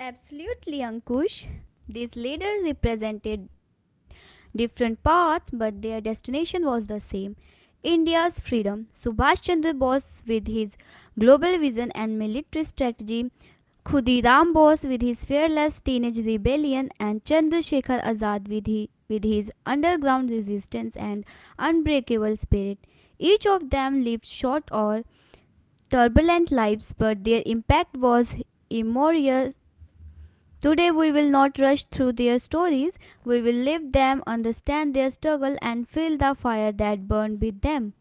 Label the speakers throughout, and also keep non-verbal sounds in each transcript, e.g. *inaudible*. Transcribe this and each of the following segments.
Speaker 1: Absolutely, Ankush. These leaders represented different paths, but their destination was the same, India's freedom. Subhash Chandra Bose, with his global vision and military strategy, Khudiram Bose, with his fearless teenage rebellion, and Chandrasekhar Azad, with his underground resistance and unbreakable spirit. Each of them lived short or turbulent lives, but their impact was immemorial. Today, we will not rush through their stories. We will live them, understand their struggle, and feel the fire that burned with them.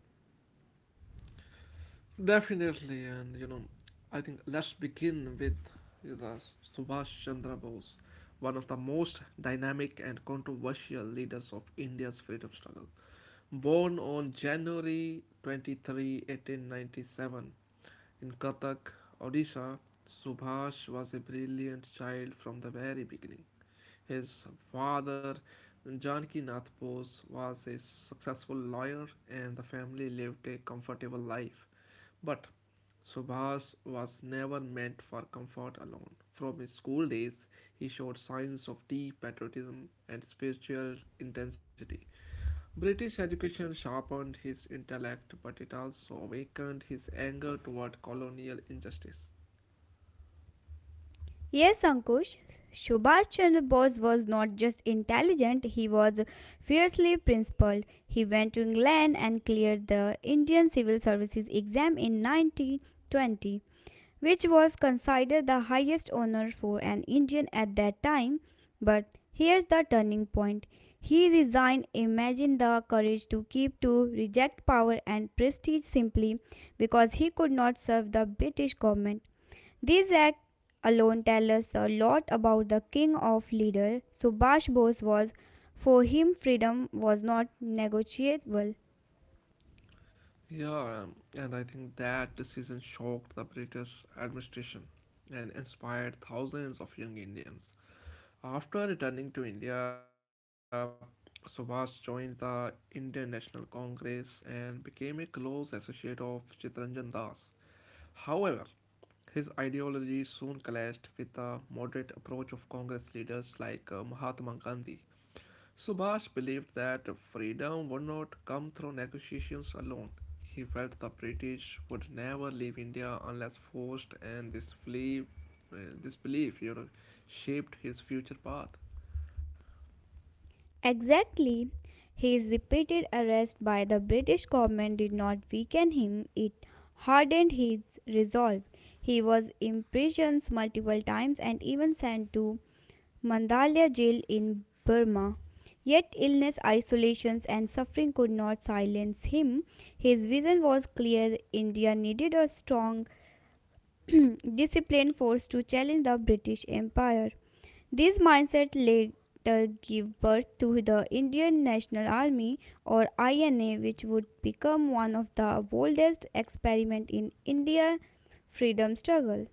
Speaker 1: Yes, Ankush, Subhash Chandra Bose was not just intelligent, he was fiercely principled. He went to England and cleared the Indian Civil Services exam in 1920, which was considered the highest honor for an Indian at that time. But here's the turning point. He resigned. Imagine the courage to keep to reject power and prestige simply because he could not serve the British government. These acts alone tell us a lot about the king of leader Subhash Bose was. For him, freedom was not negotiable. Exactly. His repeated arrest by the British government did not weaken him, it hardened his resolve. He was imprisoned multiple times and even sent to Mandalay jail in Burma. Yet illness, isolations, and suffering could not silence him. His vision was clear, India needed a strong, *clears throat* disciplined force to challenge the British Empire. This mindset later gave birth to the Indian National Army or INA, which would become one of the boldest experiments in India's freedom struggle.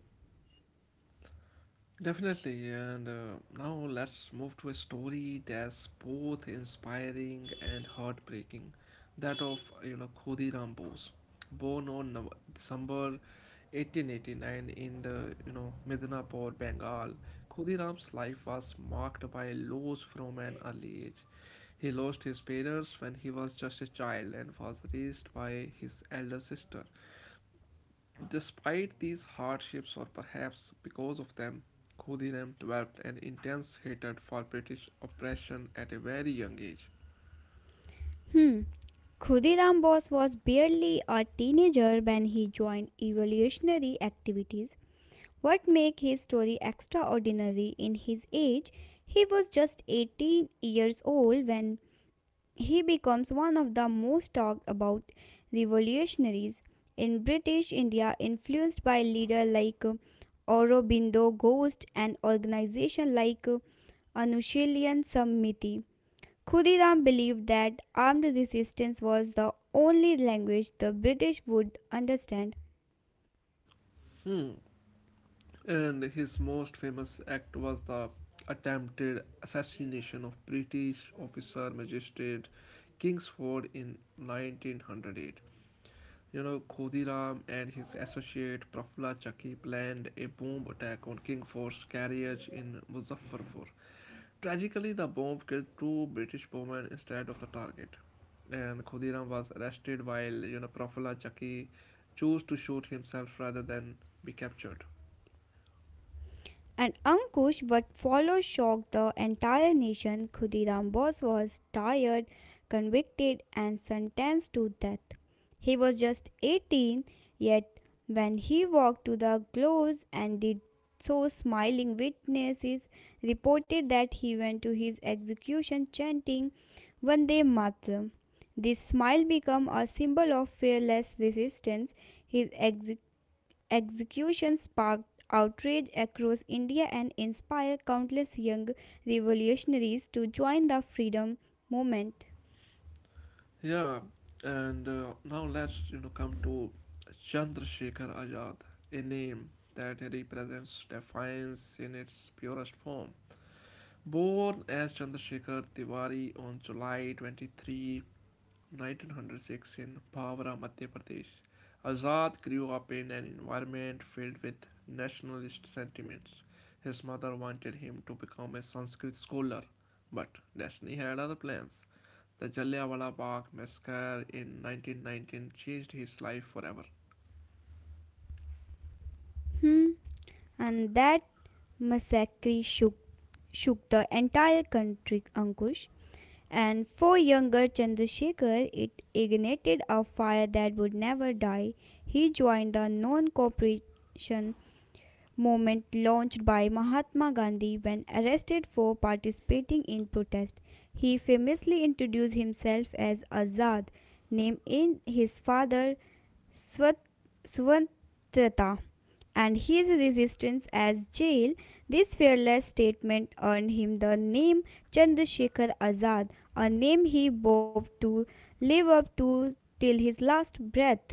Speaker 1: Hmm. Khudiram Bose was barely a teenager when he joined evolutionary activities. What make his story extraordinary in his age? He was just 18 years old when he becomes one of the most talked about revolutionaries in British India, influenced by leaders like Aurobindo Ghosh and organizations like Anushilan Samiti. Khudiram believed that armed resistance was the only language the British would understand. And Ankush, what followed shocked the entire nation. Khudiram Bose was tired, convicted, and sentenced to death. He was just 18, yet, when he walked to the gallows and did so, smiling, witnesses reported that he went to his execution chanting Vande Mataram. This smile became a symbol of fearless resistance. His ex execution sparked outrage across India and inspired countless young revolutionaries to join the freedom movement. Hmm. And that massacre shook the entire country, Ankush. And for younger Chandrasekhar, it ignited a fire that would never die. He joined the non cooperation movement launched by Mahatma Gandhi. When arrested for participating in protest, he famously introduced himself as Azad, name in his father Swat- Swatantrata, and his resistance as jail. This fearless statement earned him the name Chandrasekhar Azad, a name he vowed to live up to till his last breath.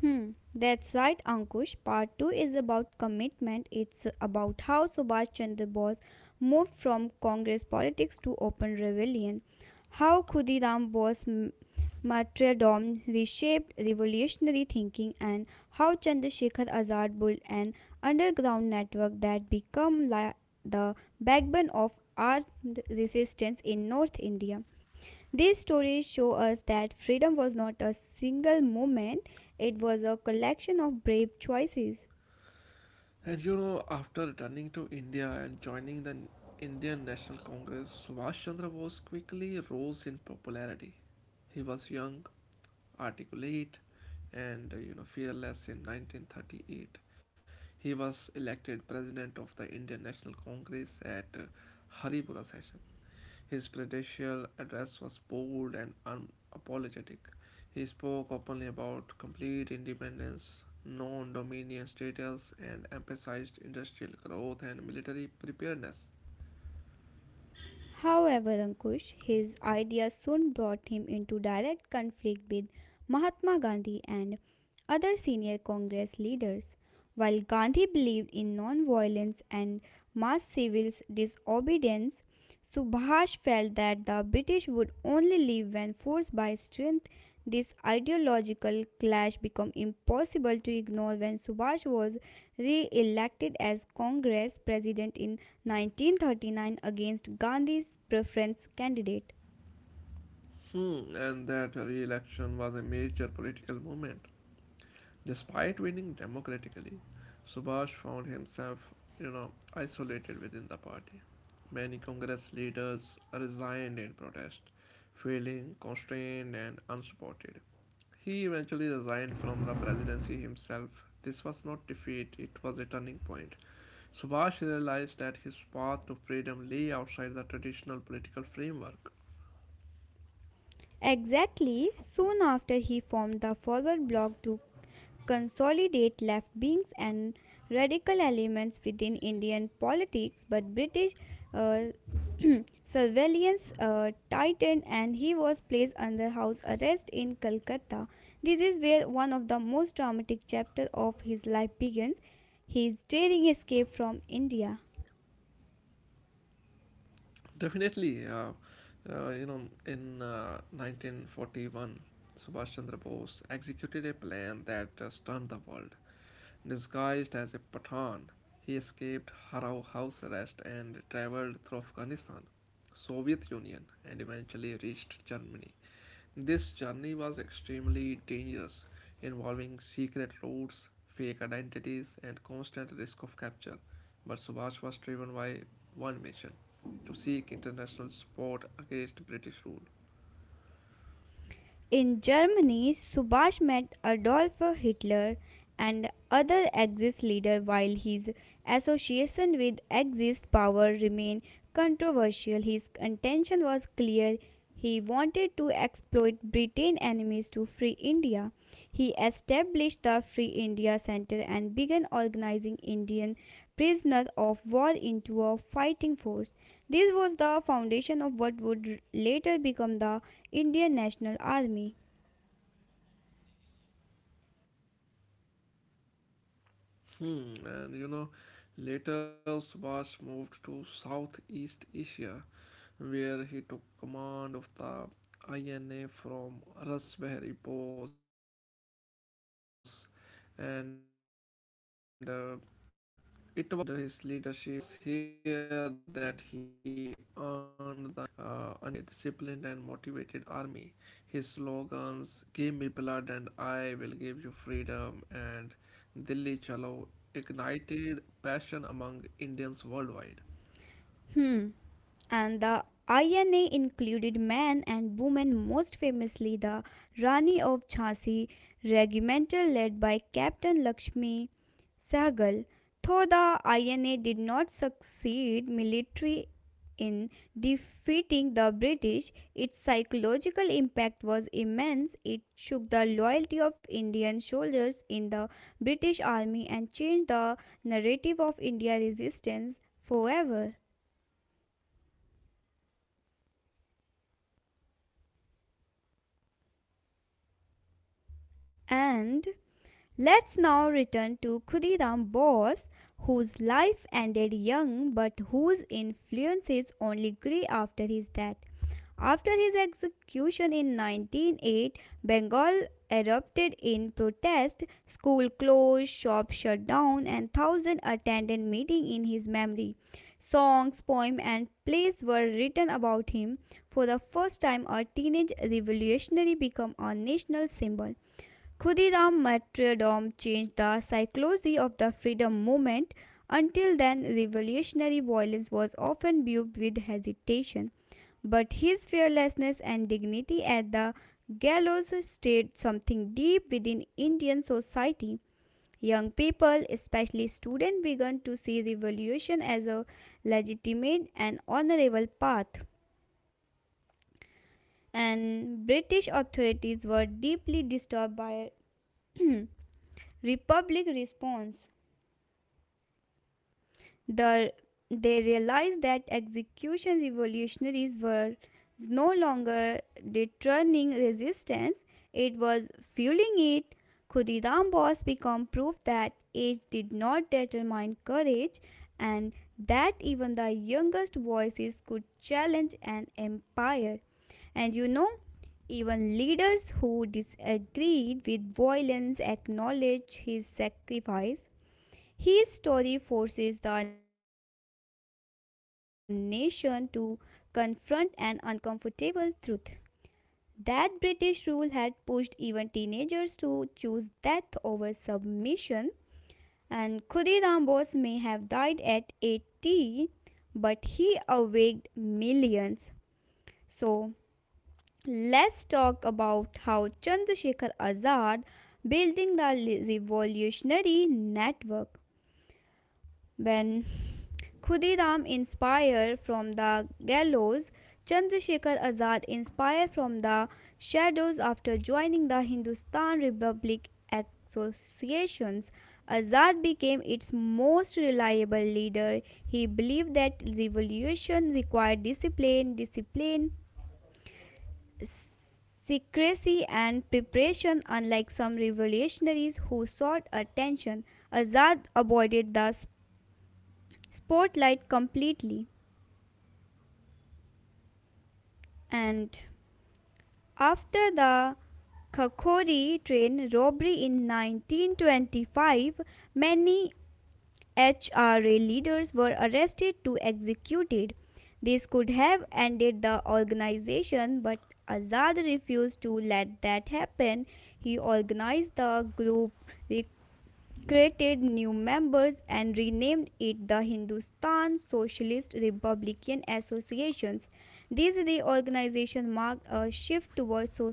Speaker 1: Hmm, that's right, Ankush. Part 2 is about commitment. It's about how Subhash Chandra Bose moved from Congress politics to open rebellion, how martyrdom reshaped revolutionary thinking, and how Chandrasekhar Azad built an underground network that became the backbone of armed resistance in North India. These stories show us that freedom was not a single moment, it was a collection of brave choices. However, Ankush, his ideas soon brought him into direct conflict with Mahatma Gandhi and other senior Congress leaders. While Gandhi believed in non-violence and mass civil disobedience, Subhash felt that the British would only leave when forced by strength. This ideological clash became impossible to ignore when Subhash was re-elected as Congress president in 1939 against Gandhi's preference candidate. Exactly, soon after he formed the Forward Bloc to consolidate left wings and radical elements within Indian politics, but British uh, surveillance tightened and he was placed under house arrest in Calcutta. This is where one of the most dramatic chapters of his life begins, his daring escape from India. In Germany, Subhash met Adolf Hitler and other Axis leaders. While his association with Axis power remained controversial, his intention was clear. He wanted to exploit Britain's enemies to free India. He established the Free India Center and began organizing Indian prisoners of war into a fighting force. This was the foundation of what would later become the Indian National Army. Hmm. And the INA included men and women, most famously the Rani of Jhansi regimental led by Captain Lakshmi Sehgal. Though the INA did not succeed military in defeating the British, its psychological impact was immense. It shook the loyalty of Indian soldiers in the British Army and changed the narrative of India resistance forever. And let's now return to Khudiram Bose, whose life ended young but whose influences only grew after his death. After his execution in 1908, Bengal erupted in protest. School closed, shops shut down, and thousands attended meeting in his memory. Songs, poems, and plays were written about him. For the first time, a teenage revolutionary became a national symbol. Khudiram martyrdom changed the psychology of the freedom movement. Until then, revolutionary violence was often viewed with hesitation, but his fearlessness and dignity at the gallows stirred something deep within Indian society. Young people, especially students, began to see revolution as a legitimate and honorable path, and British authorities were deeply disturbed by *clears throat* republic response. The, they realized that execution revolutionaries were no longer deterring resistance, it was fueling it. Khudidam Bose became proof that age did not determine courage and that even the youngest voices could challenge an empire. And you know, even leaders who disagreed with violence acknowledged his sacrifice. His story forces the nation to confront an uncomfortable truth, that British rule had pushed even teenagers to choose death over submission. And Khudiram Bose may have died at 18, but he awaked millions. So let's talk about how Chandrasekhar Azad building the revolutionary network. When Khudidam inspired from the gallows, Chandrasekhar Azad inspired from the shadows after joining the Hindustan Republic Associations. Azad became its most reliable leader. He believed that revolution required discipline, secrecy, and preparation. Unlike some revolutionaries who sought attention, Azad avoided the spotlight completely. And after the Khakori train robbery in 1925, many HRA leaders were arrested to executed. This could have ended the organization, but Azad refused to let that happen. He organized the group, created new members and renamed it the Hindustan Socialist Republican Associations. This reorganization marked a shift towards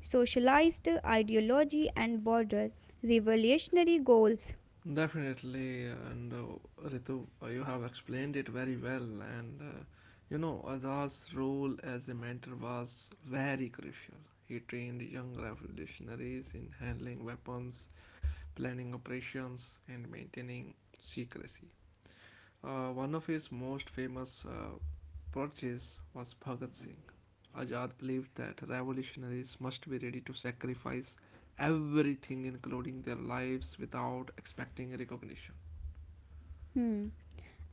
Speaker 1: socialist ideology and border revolutionary goals.
Speaker 2: Definitely, and Ritu, you have explained it very well. Azad's role as a mentor was very crucial. He trained young revolutionaries in handling weapons, planning operations, and maintaining secrecy. One of his most famous purchase was Bhagat Singh. Azad believed that revolutionaries must be ready to sacrifice everything, including their lives, without expecting recognition.
Speaker 1: Hmm.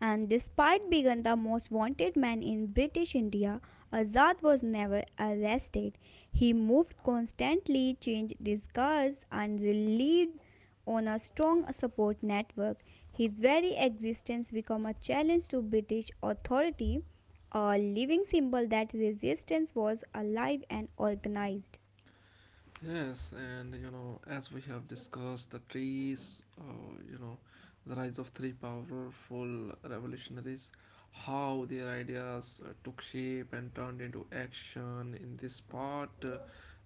Speaker 1: And despite being the most wanted man in British India, Azad was never arrested. He moved constantly, changed disguise, and relied on a strong support network. His very existence became a challenge to British authority, a living symbol that resistance was alive and organized.
Speaker 2: Yes, and you know, as we have discussed, the trees, the rise of three powerful revolutionaries, how their ideas took shape and turned into action. In this part, uh,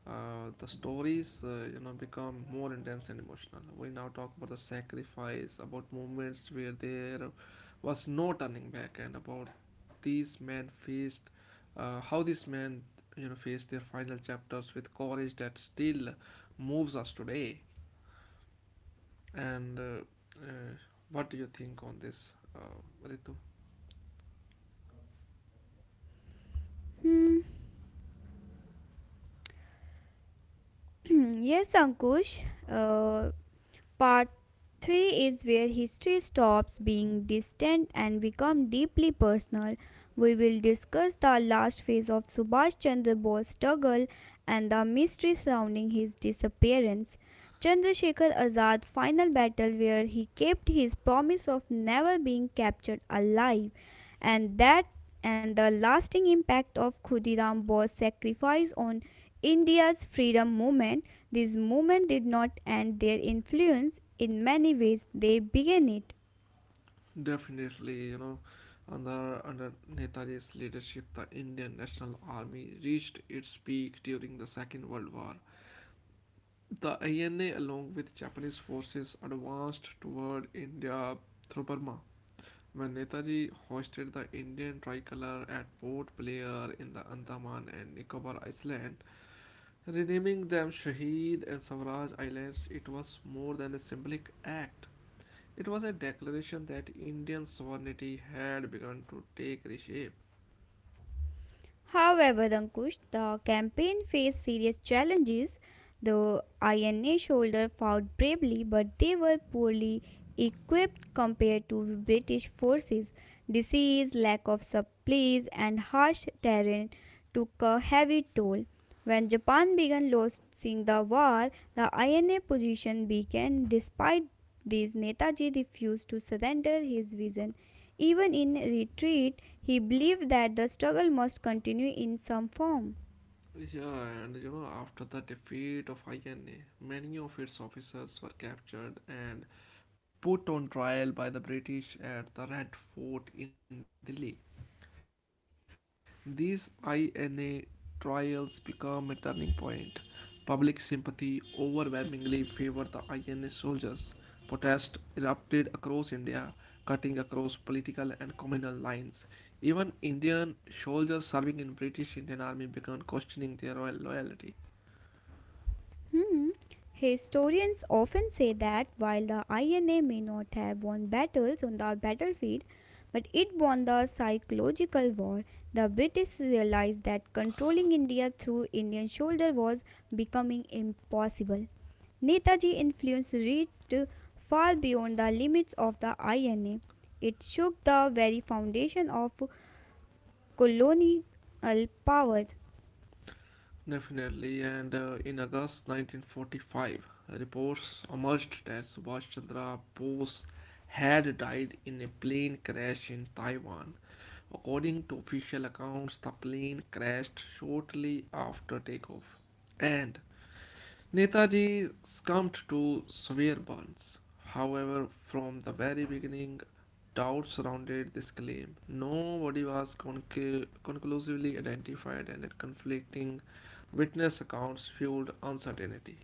Speaker 2: uh, the stories, become more intense and emotional. We now talk about the sacrifice, about moments where there was no turning back, and about these men faced how these men, you know, face their final chapters with courage that still moves us today. And uh, what do you think on this, Ritu?
Speaker 1: Hmm. *clears throat* Yes, Ankush. Uh, Part 3 is where history stops being distant and becomes deeply personal. We will discuss the last phase of Subhash Chandra Bose's struggle and the mystery surrounding his disappearance. Chandrasekhar Azad's final battle where he kept his promise of never being captured alive, and that and the lasting impact of Khudiram Bose's sacrifice on India's freedom movement. This movement did not end their influence. In many ways, they began it.
Speaker 2: Definitely, you know, under Netaji's leadership, the Indian National Army reached its peak during the Second World War. The INA, along with Japanese forces, advanced toward India through Burma. When Netaji hoisted the Indian tricolor at Port Blair in the Andaman and Nicobar Island, renaming them Shaheed and Swaraj Islands, it was more than a symbolic act. It was a declaration that Indian sovereignty had begun to take reshape.
Speaker 1: However, Ankush, the campaign faced serious challenges. The INA soldiers fought bravely, but they were poorly equipped compared to British forces. Disease, lack of supplies, and harsh terrain took a heavy toll. When Japan began losing the war, the INA position weakened. Despite this, Netaji refused to surrender his vision. Even in retreat, he believed that the struggle must continue in some form.
Speaker 2: Yeah, and you know, after the defeat of INA, many of its officers were captured and put on trial by the British at the Red Fort in Delhi. These INA trials become a turning point. Public sympathy overwhelmingly favored the INA soldiers. Protests erupted across India, cutting across political and communal lines. Even Indian soldiers serving in British Indian Army began questioning their royal loyalty.
Speaker 1: Hmm. Historians often say that while the INA may not have won battles on the battlefield, but it won the psychological war. The British realized that controlling India through Indian shoulder was becoming impossible. Netaji's influence reached far beyond the limits of the INA. It shook the very foundation of colonial power.
Speaker 2: Definitely, and in August 1945, reports emerged that Subhash Chandra Bose had died in a plane crash in Taiwan. According to official accounts, the plane crashed shortly after takeoff, and Netaji succumbed to severe burns. However, from the very beginning, doubt surrounded this claim. Nobody was conclusively identified, and conflicting witness accounts fueled uncertainty.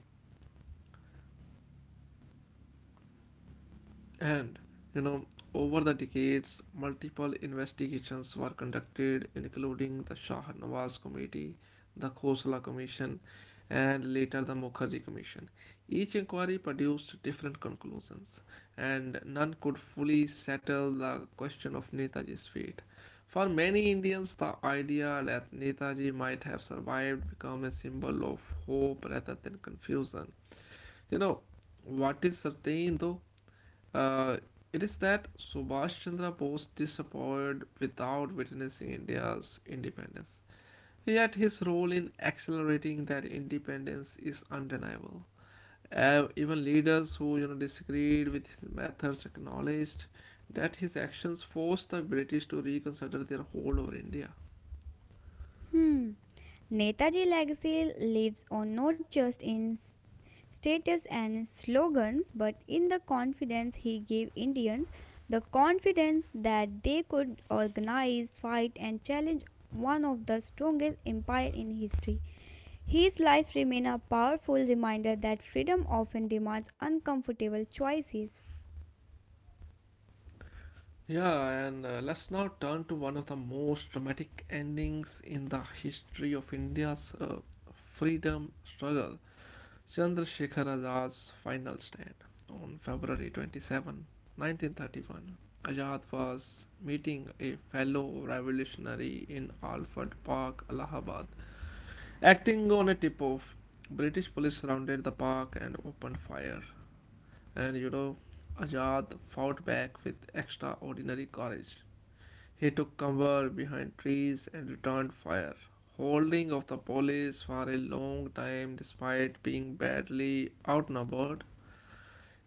Speaker 2: And, you know, over the decades, multiple investigations were conducted, including the Shah Nawaz Committee, the Khosla Commission, and later the Mukherjee Commission. Each inquiry produced different conclusions, and none could fully settle the question of Netaji's fate. For many Indians, the idea that Netaji might have survived became a symbol of hope rather than confusion. You know, what is certain though, uh, it is that Subhash Chandra Bose disappeared without witnessing India's independence. Yet his role in accelerating that independence is undeniable. Even leaders who, you know, disagreed with his methods acknowledged that his actions forced the British to reconsider their hold over India.
Speaker 1: Hmm. Netaji legacy lives on not just in status and slogans but in the confidence he gave Indians, the confidence that they could organize, fight and challenge one of the strongest empires in history. His life remains a powerful reminder that freedom often demands uncomfortable choices.
Speaker 2: Yeah, and let's now turn to one of the most dramatic endings in the history of India's freedom struggle, Chandrasekhar Azad's final stand on February 27, 1931. Azad was meeting a fellow revolutionary in Alford Park, Allahabad. Acting on a tip off, British police surrounded the park and opened fire. And you know, Azad fought back with extraordinary courage. He took cover behind trees and returned fire, holding off the police for a long time despite being badly outnumbered.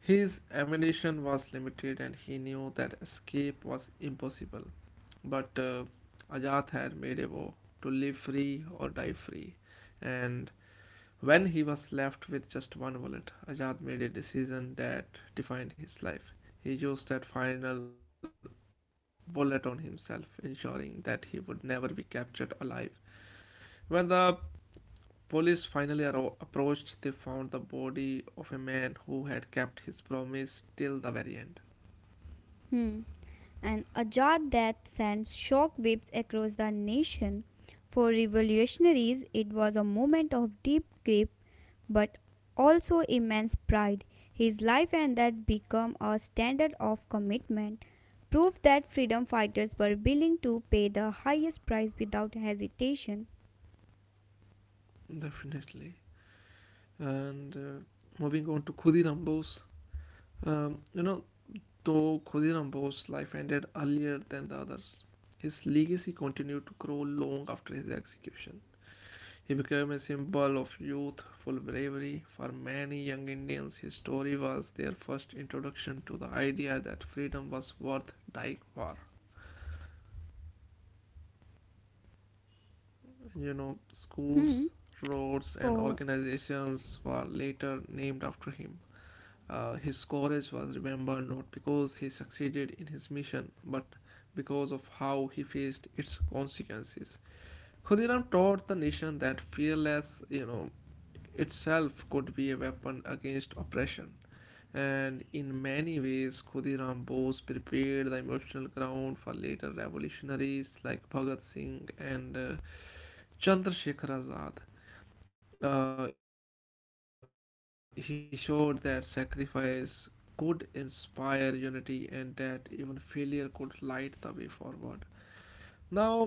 Speaker 2: His ammunition was limited and he knew that escape was impossible. But Ajat had made a vow to live free or die free, and when he was left with just one bullet, Azad made a decision that defined his life. He used that final bullet on himself, ensuring that he would never be captured alive. When the police finally approached, they found the body of a man who had kept his promise till the very end.
Speaker 1: Hmm. And a jar that sends shockwaves across the nation. For revolutionaries, it was a moment of deep grief but also immense pride. His life and death become a standard of commitment, proof that freedom fighters were willing to pay the highest price without hesitation.
Speaker 2: Definitely. And moving on to Khudiram Bose. Um, you know, Though Khudiram Bose's life ended earlier than the others, his legacy continued to grow long after his execution. He became a symbol of youthful bravery. For many young Indians, his story was their first introduction to the idea that freedom was worth dying for. You know,
Speaker 1: Hmm.
Speaker 2: schools,
Speaker 1: For
Speaker 2: roads, and organizations were later named after him. His courage was remembered not because he succeeded in his mission, but because of how he faced its consequences. Khudiram taught the nation that fearless, you know, itself could be a weapon against oppression. And in many ways, Khudiram Bose prepared the emotional ground for later revolutionaries like Bhagat Singh and Chandrasekhar Azad. He showed that sacrifice could inspire unity and that even failure could light the way forward. Now,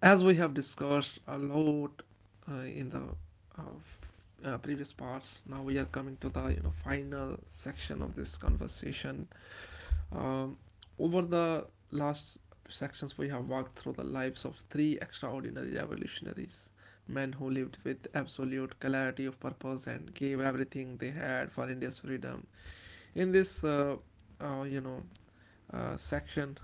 Speaker 2: as we have discussed a lot in the uh, f- previous parts, now we are coming to the, you know, final section of this conversation. um, Over the last sections, we have walked through the lives of three extraordinary revolutionaries, men who lived with absolute clarity of purpose and gave everything they had for India's freedom. In this, uh, you know, section,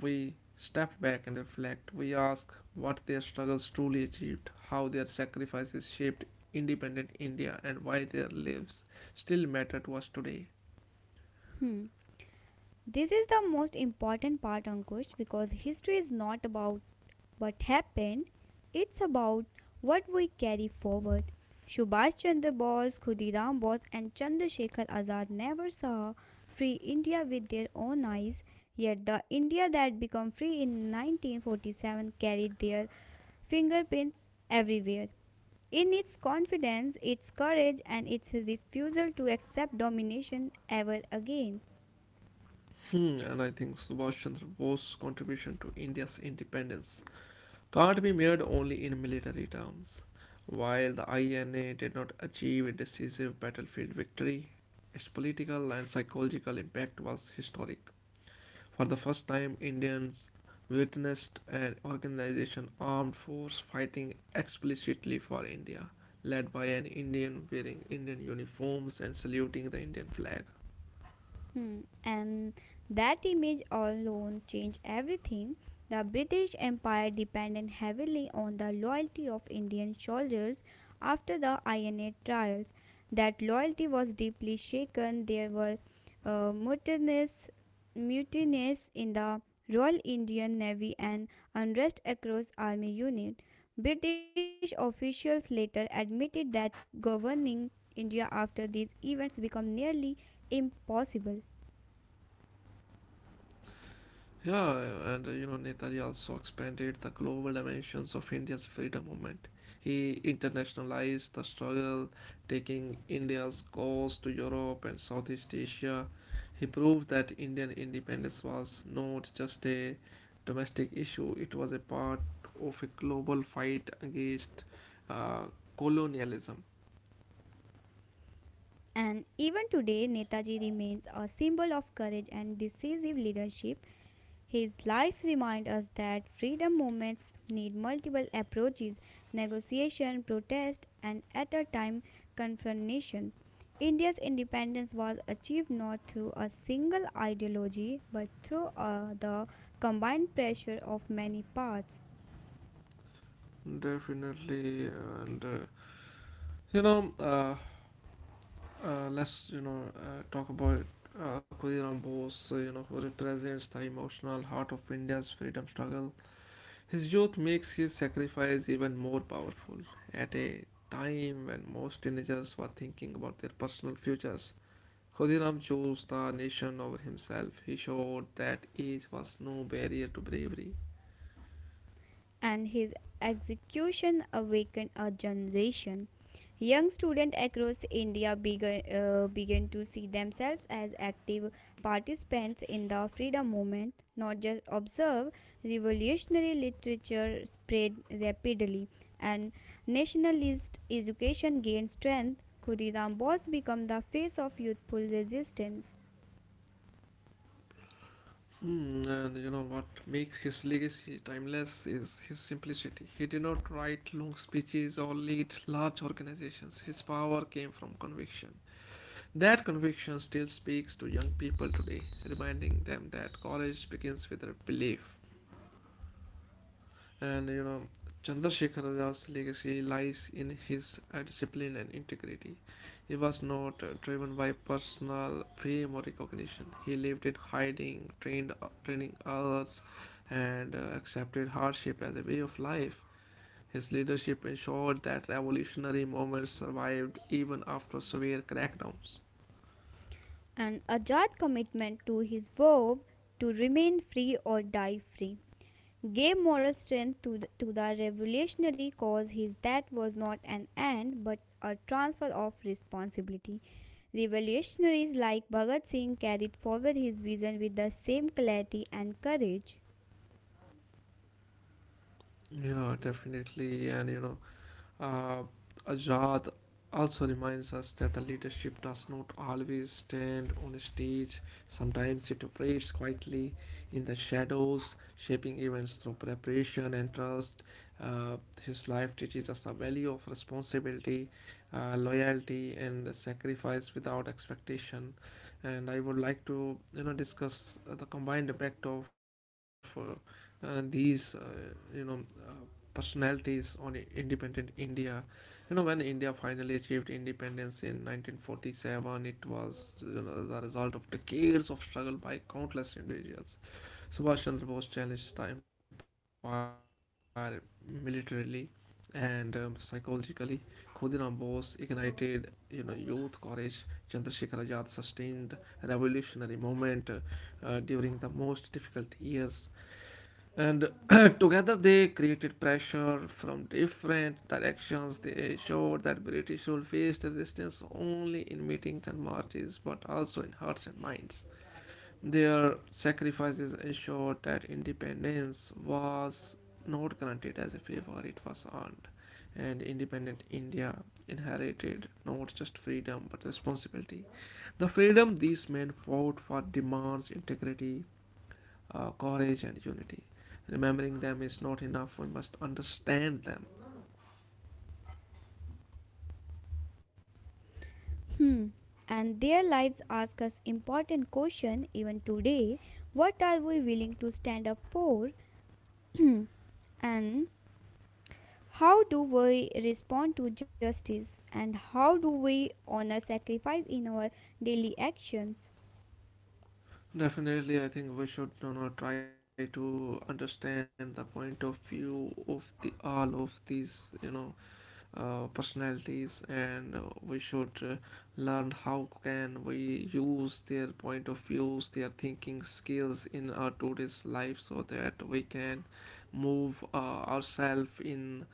Speaker 2: we step back and reflect. We ask what their struggles truly achieved, how their sacrifices shaped independent India, and why their lives still matter to us today.
Speaker 1: hmm. This is the most important part, Ankush, because history is not about what happened, it's about what we carry forward. Subhash Chandra Bose, Khudiram Bose, and Chandrasekhar Azad never saw free India with their own eyes, yet the India that became free in 1947 carried their fingerprints everywhere. In its confidence, its courage, and its refusal to accept domination ever again.
Speaker 2: Hmm, and I think Subhash Chandra Bose's contribution to India's independence can't be measured only in military terms. While the INA did not achieve a decisive battlefield victory, its political and psychological impact was historic. For the first time, Indians witnessed an organization armed force fighting explicitly for India, led by an Indian wearing Indian uniforms and saluting the Indian flag.
Speaker 1: Hmm. And that image alone changed everything. The British Empire depended heavily on the loyalty of Indian soldiers after the INA trials. That loyalty was deeply shaken. There were uh, mutinies, mutinies in the Royal Indian Navy and unrest across army unit. British officials later admitted that governing India after these events became nearly impossible.
Speaker 2: Yeah, and you know, Netaji also expanded the global dimensions of India's freedom movement. He internationalized the struggle, taking India's cause to Europe and Southeast Asia. He proved that Indian independence was not just a domestic issue, it was a part of a global fight against uh, colonialism.
Speaker 1: And even today, Netaji remains a symbol of courage and decisive leadership. His life reminds us that freedom movements need multiple approaches, negotiation, protest, and at a time, confrontation. India's independence was achieved not through a single ideology but through the combined pressure of many parts.
Speaker 2: Definitely, and you know, uh, let's, you know, talk about Khudiram Bose. You know, who represents the emotional heart of India's freedom struggle. His youth makes his sacrifice even more powerful at a time when most teenagers were thinking about their personal futures. Khudiram chose the nation over himself. He showed that age was no barrier to bravery.
Speaker 1: And his execution awakened a generation. Young students across India began to see themselves as active participants in the freedom movement, not just observe. Revolutionary literature spread rapidly, and nationalist education gained strength. Khudiram Bose became the face of youthful resistance.
Speaker 2: Hmm, and you know what makes his legacy timeless is his simplicity. He did not write long speeches or lead large organizations. His power came from conviction. That conviction still speaks to young people today, reminding them that courage begins with a belief. And you know, Chandrasekhar Azad's legacy lies in his discipline and integrity. He was not driven by personal fame or recognition. He lived in hiding, training others, and accepted hardship as a way of life. His leadership ensured that revolutionary movements survived even after severe crackdowns.
Speaker 1: An Ajad commitment to his verb to remain free or die free gave moral strength to to the revolutionary cause. His death was not an end but a transfer of responsibility. Revolutionaries like Bhagat Singh carried forward his vision with the same clarity and courage.
Speaker 2: Yeah, definitely. And you know, Uh, Azad also reminds us that the leadership does not always stand on a stage. Sometimes it operates quietly in the shadows, shaping events through preparation and trust. Uh, his life teaches us the value of responsibility, loyalty, and sacrifice without expectation. And I would like to, you know, discuss the combined effect of these, you know, uh, personalities on independent India. You know, when India finally achieved independence in 1947, it was, you know, the result of decades of struggle by countless individuals. Subhash Chandra Bose challenged the empire militarily and psychologically. Khudiram Bose ignited, you know, youth courage. Chandrasekhar Azad sustained revolutionary movement during the most difficult years, and *clears throat* together they created pressure from different directions. They showed that British rule faced resistance only in meetings and marches, but also in hearts and minds. Their sacrifices ensured that independence was not granted as a favor, it was earned. And independent India inherited not just freedom but responsibility. The freedom these men fought for demands integrity, courage and unity. Remembering them is not enough, we must understand them.
Speaker 1: Hmm. And their lives ask us important question even today. What are we willing to stand up for? *clears throat* And how do we respond to justice? And how do we honor sacrifice in our daily actions?
Speaker 2: Definitely, I think we should, you know, try to understand the point of view of the all of these, you know, personalities, and we should learn how can we use their point of views, their thinking skills in our today's life, so that we can move ourselves in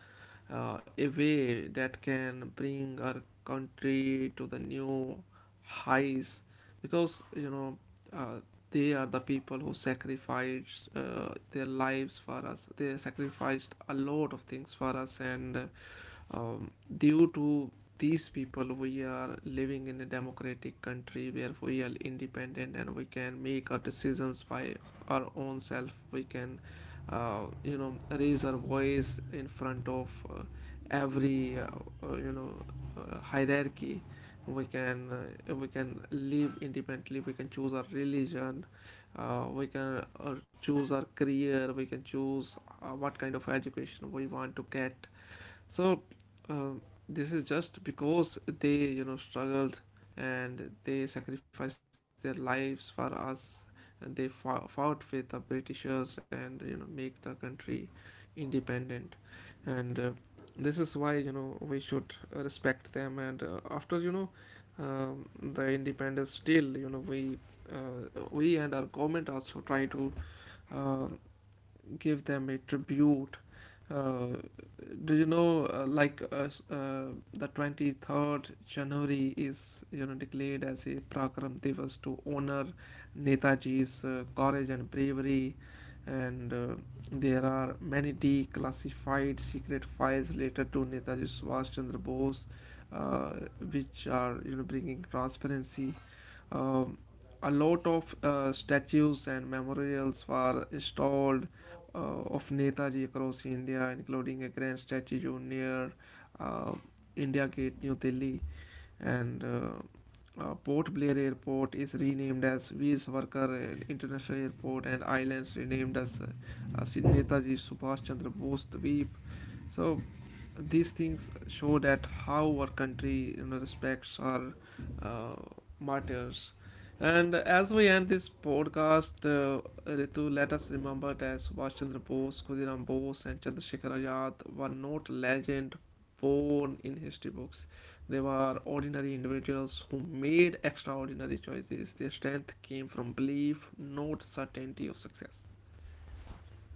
Speaker 2: a way that can bring our country to the new highs, because you know, uh, they are the people who sacrificed their lives for us. They sacrificed a lot of things for us, and um, due to these people we are living in a democratic country where we are independent and we can make our decisions by our own self. We can, you know, raise our voice in front of every uh, you know hierarchy. We can live independently, we can choose our religion, we can choose our career, we can choose what kind of education we want to get. So um, this is just because they, you know, struggled and they sacrificed their lives for us. And they fought with the Britishers and you know make the country independent. And this is why, you know, we should respect them. And after, you know, the independence, still you know we. We and our government also try to uh, give them a tribute. Uh, do you know, the 23 January is, you know, declared as a Prakram Divas to honor Netaji's courage and bravery. And There are many declassified secret files related to Netaji Subhash Chandra Bose, uh, which are, you know, bringing transparency. Um, a lot of statues and memorials were installed of Netaji across India, including a grand statue near uh, India Gate, New Delhi, and Port Blair Airport is renamed as Veer Savarkar International Airport and islands renamed as Netaji Subhash Chandra Bose Dweep. So these things show that how our country, you know, respects our uh, martyrs. And as we end this podcast, Ritu, let us remember that Subhash Chandra Bose, Khudiram Bose, and Chandrasekhar Azad were not legend born in history books. They were ordinary individuals who made extraordinary choices. Their strength came from belief, not certainty of success.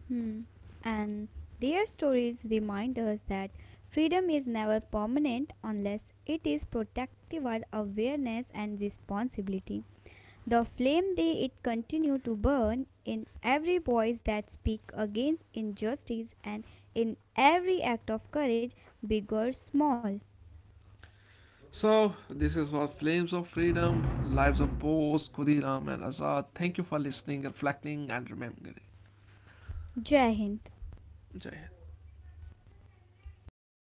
Speaker 1: Hmm. And their stories remind us that freedom is never permanent unless it is protected with awareness and responsibility. The flame they it continue to burn in every voice that speak against injustice and in every act of courage, big or small.
Speaker 2: So, this is what Flames of Freedom, Lives of Bose, Khudiram, and Azad. Thank you for listening, reflecting, and remembering.
Speaker 1: Jai Hind.
Speaker 2: Jai Hind.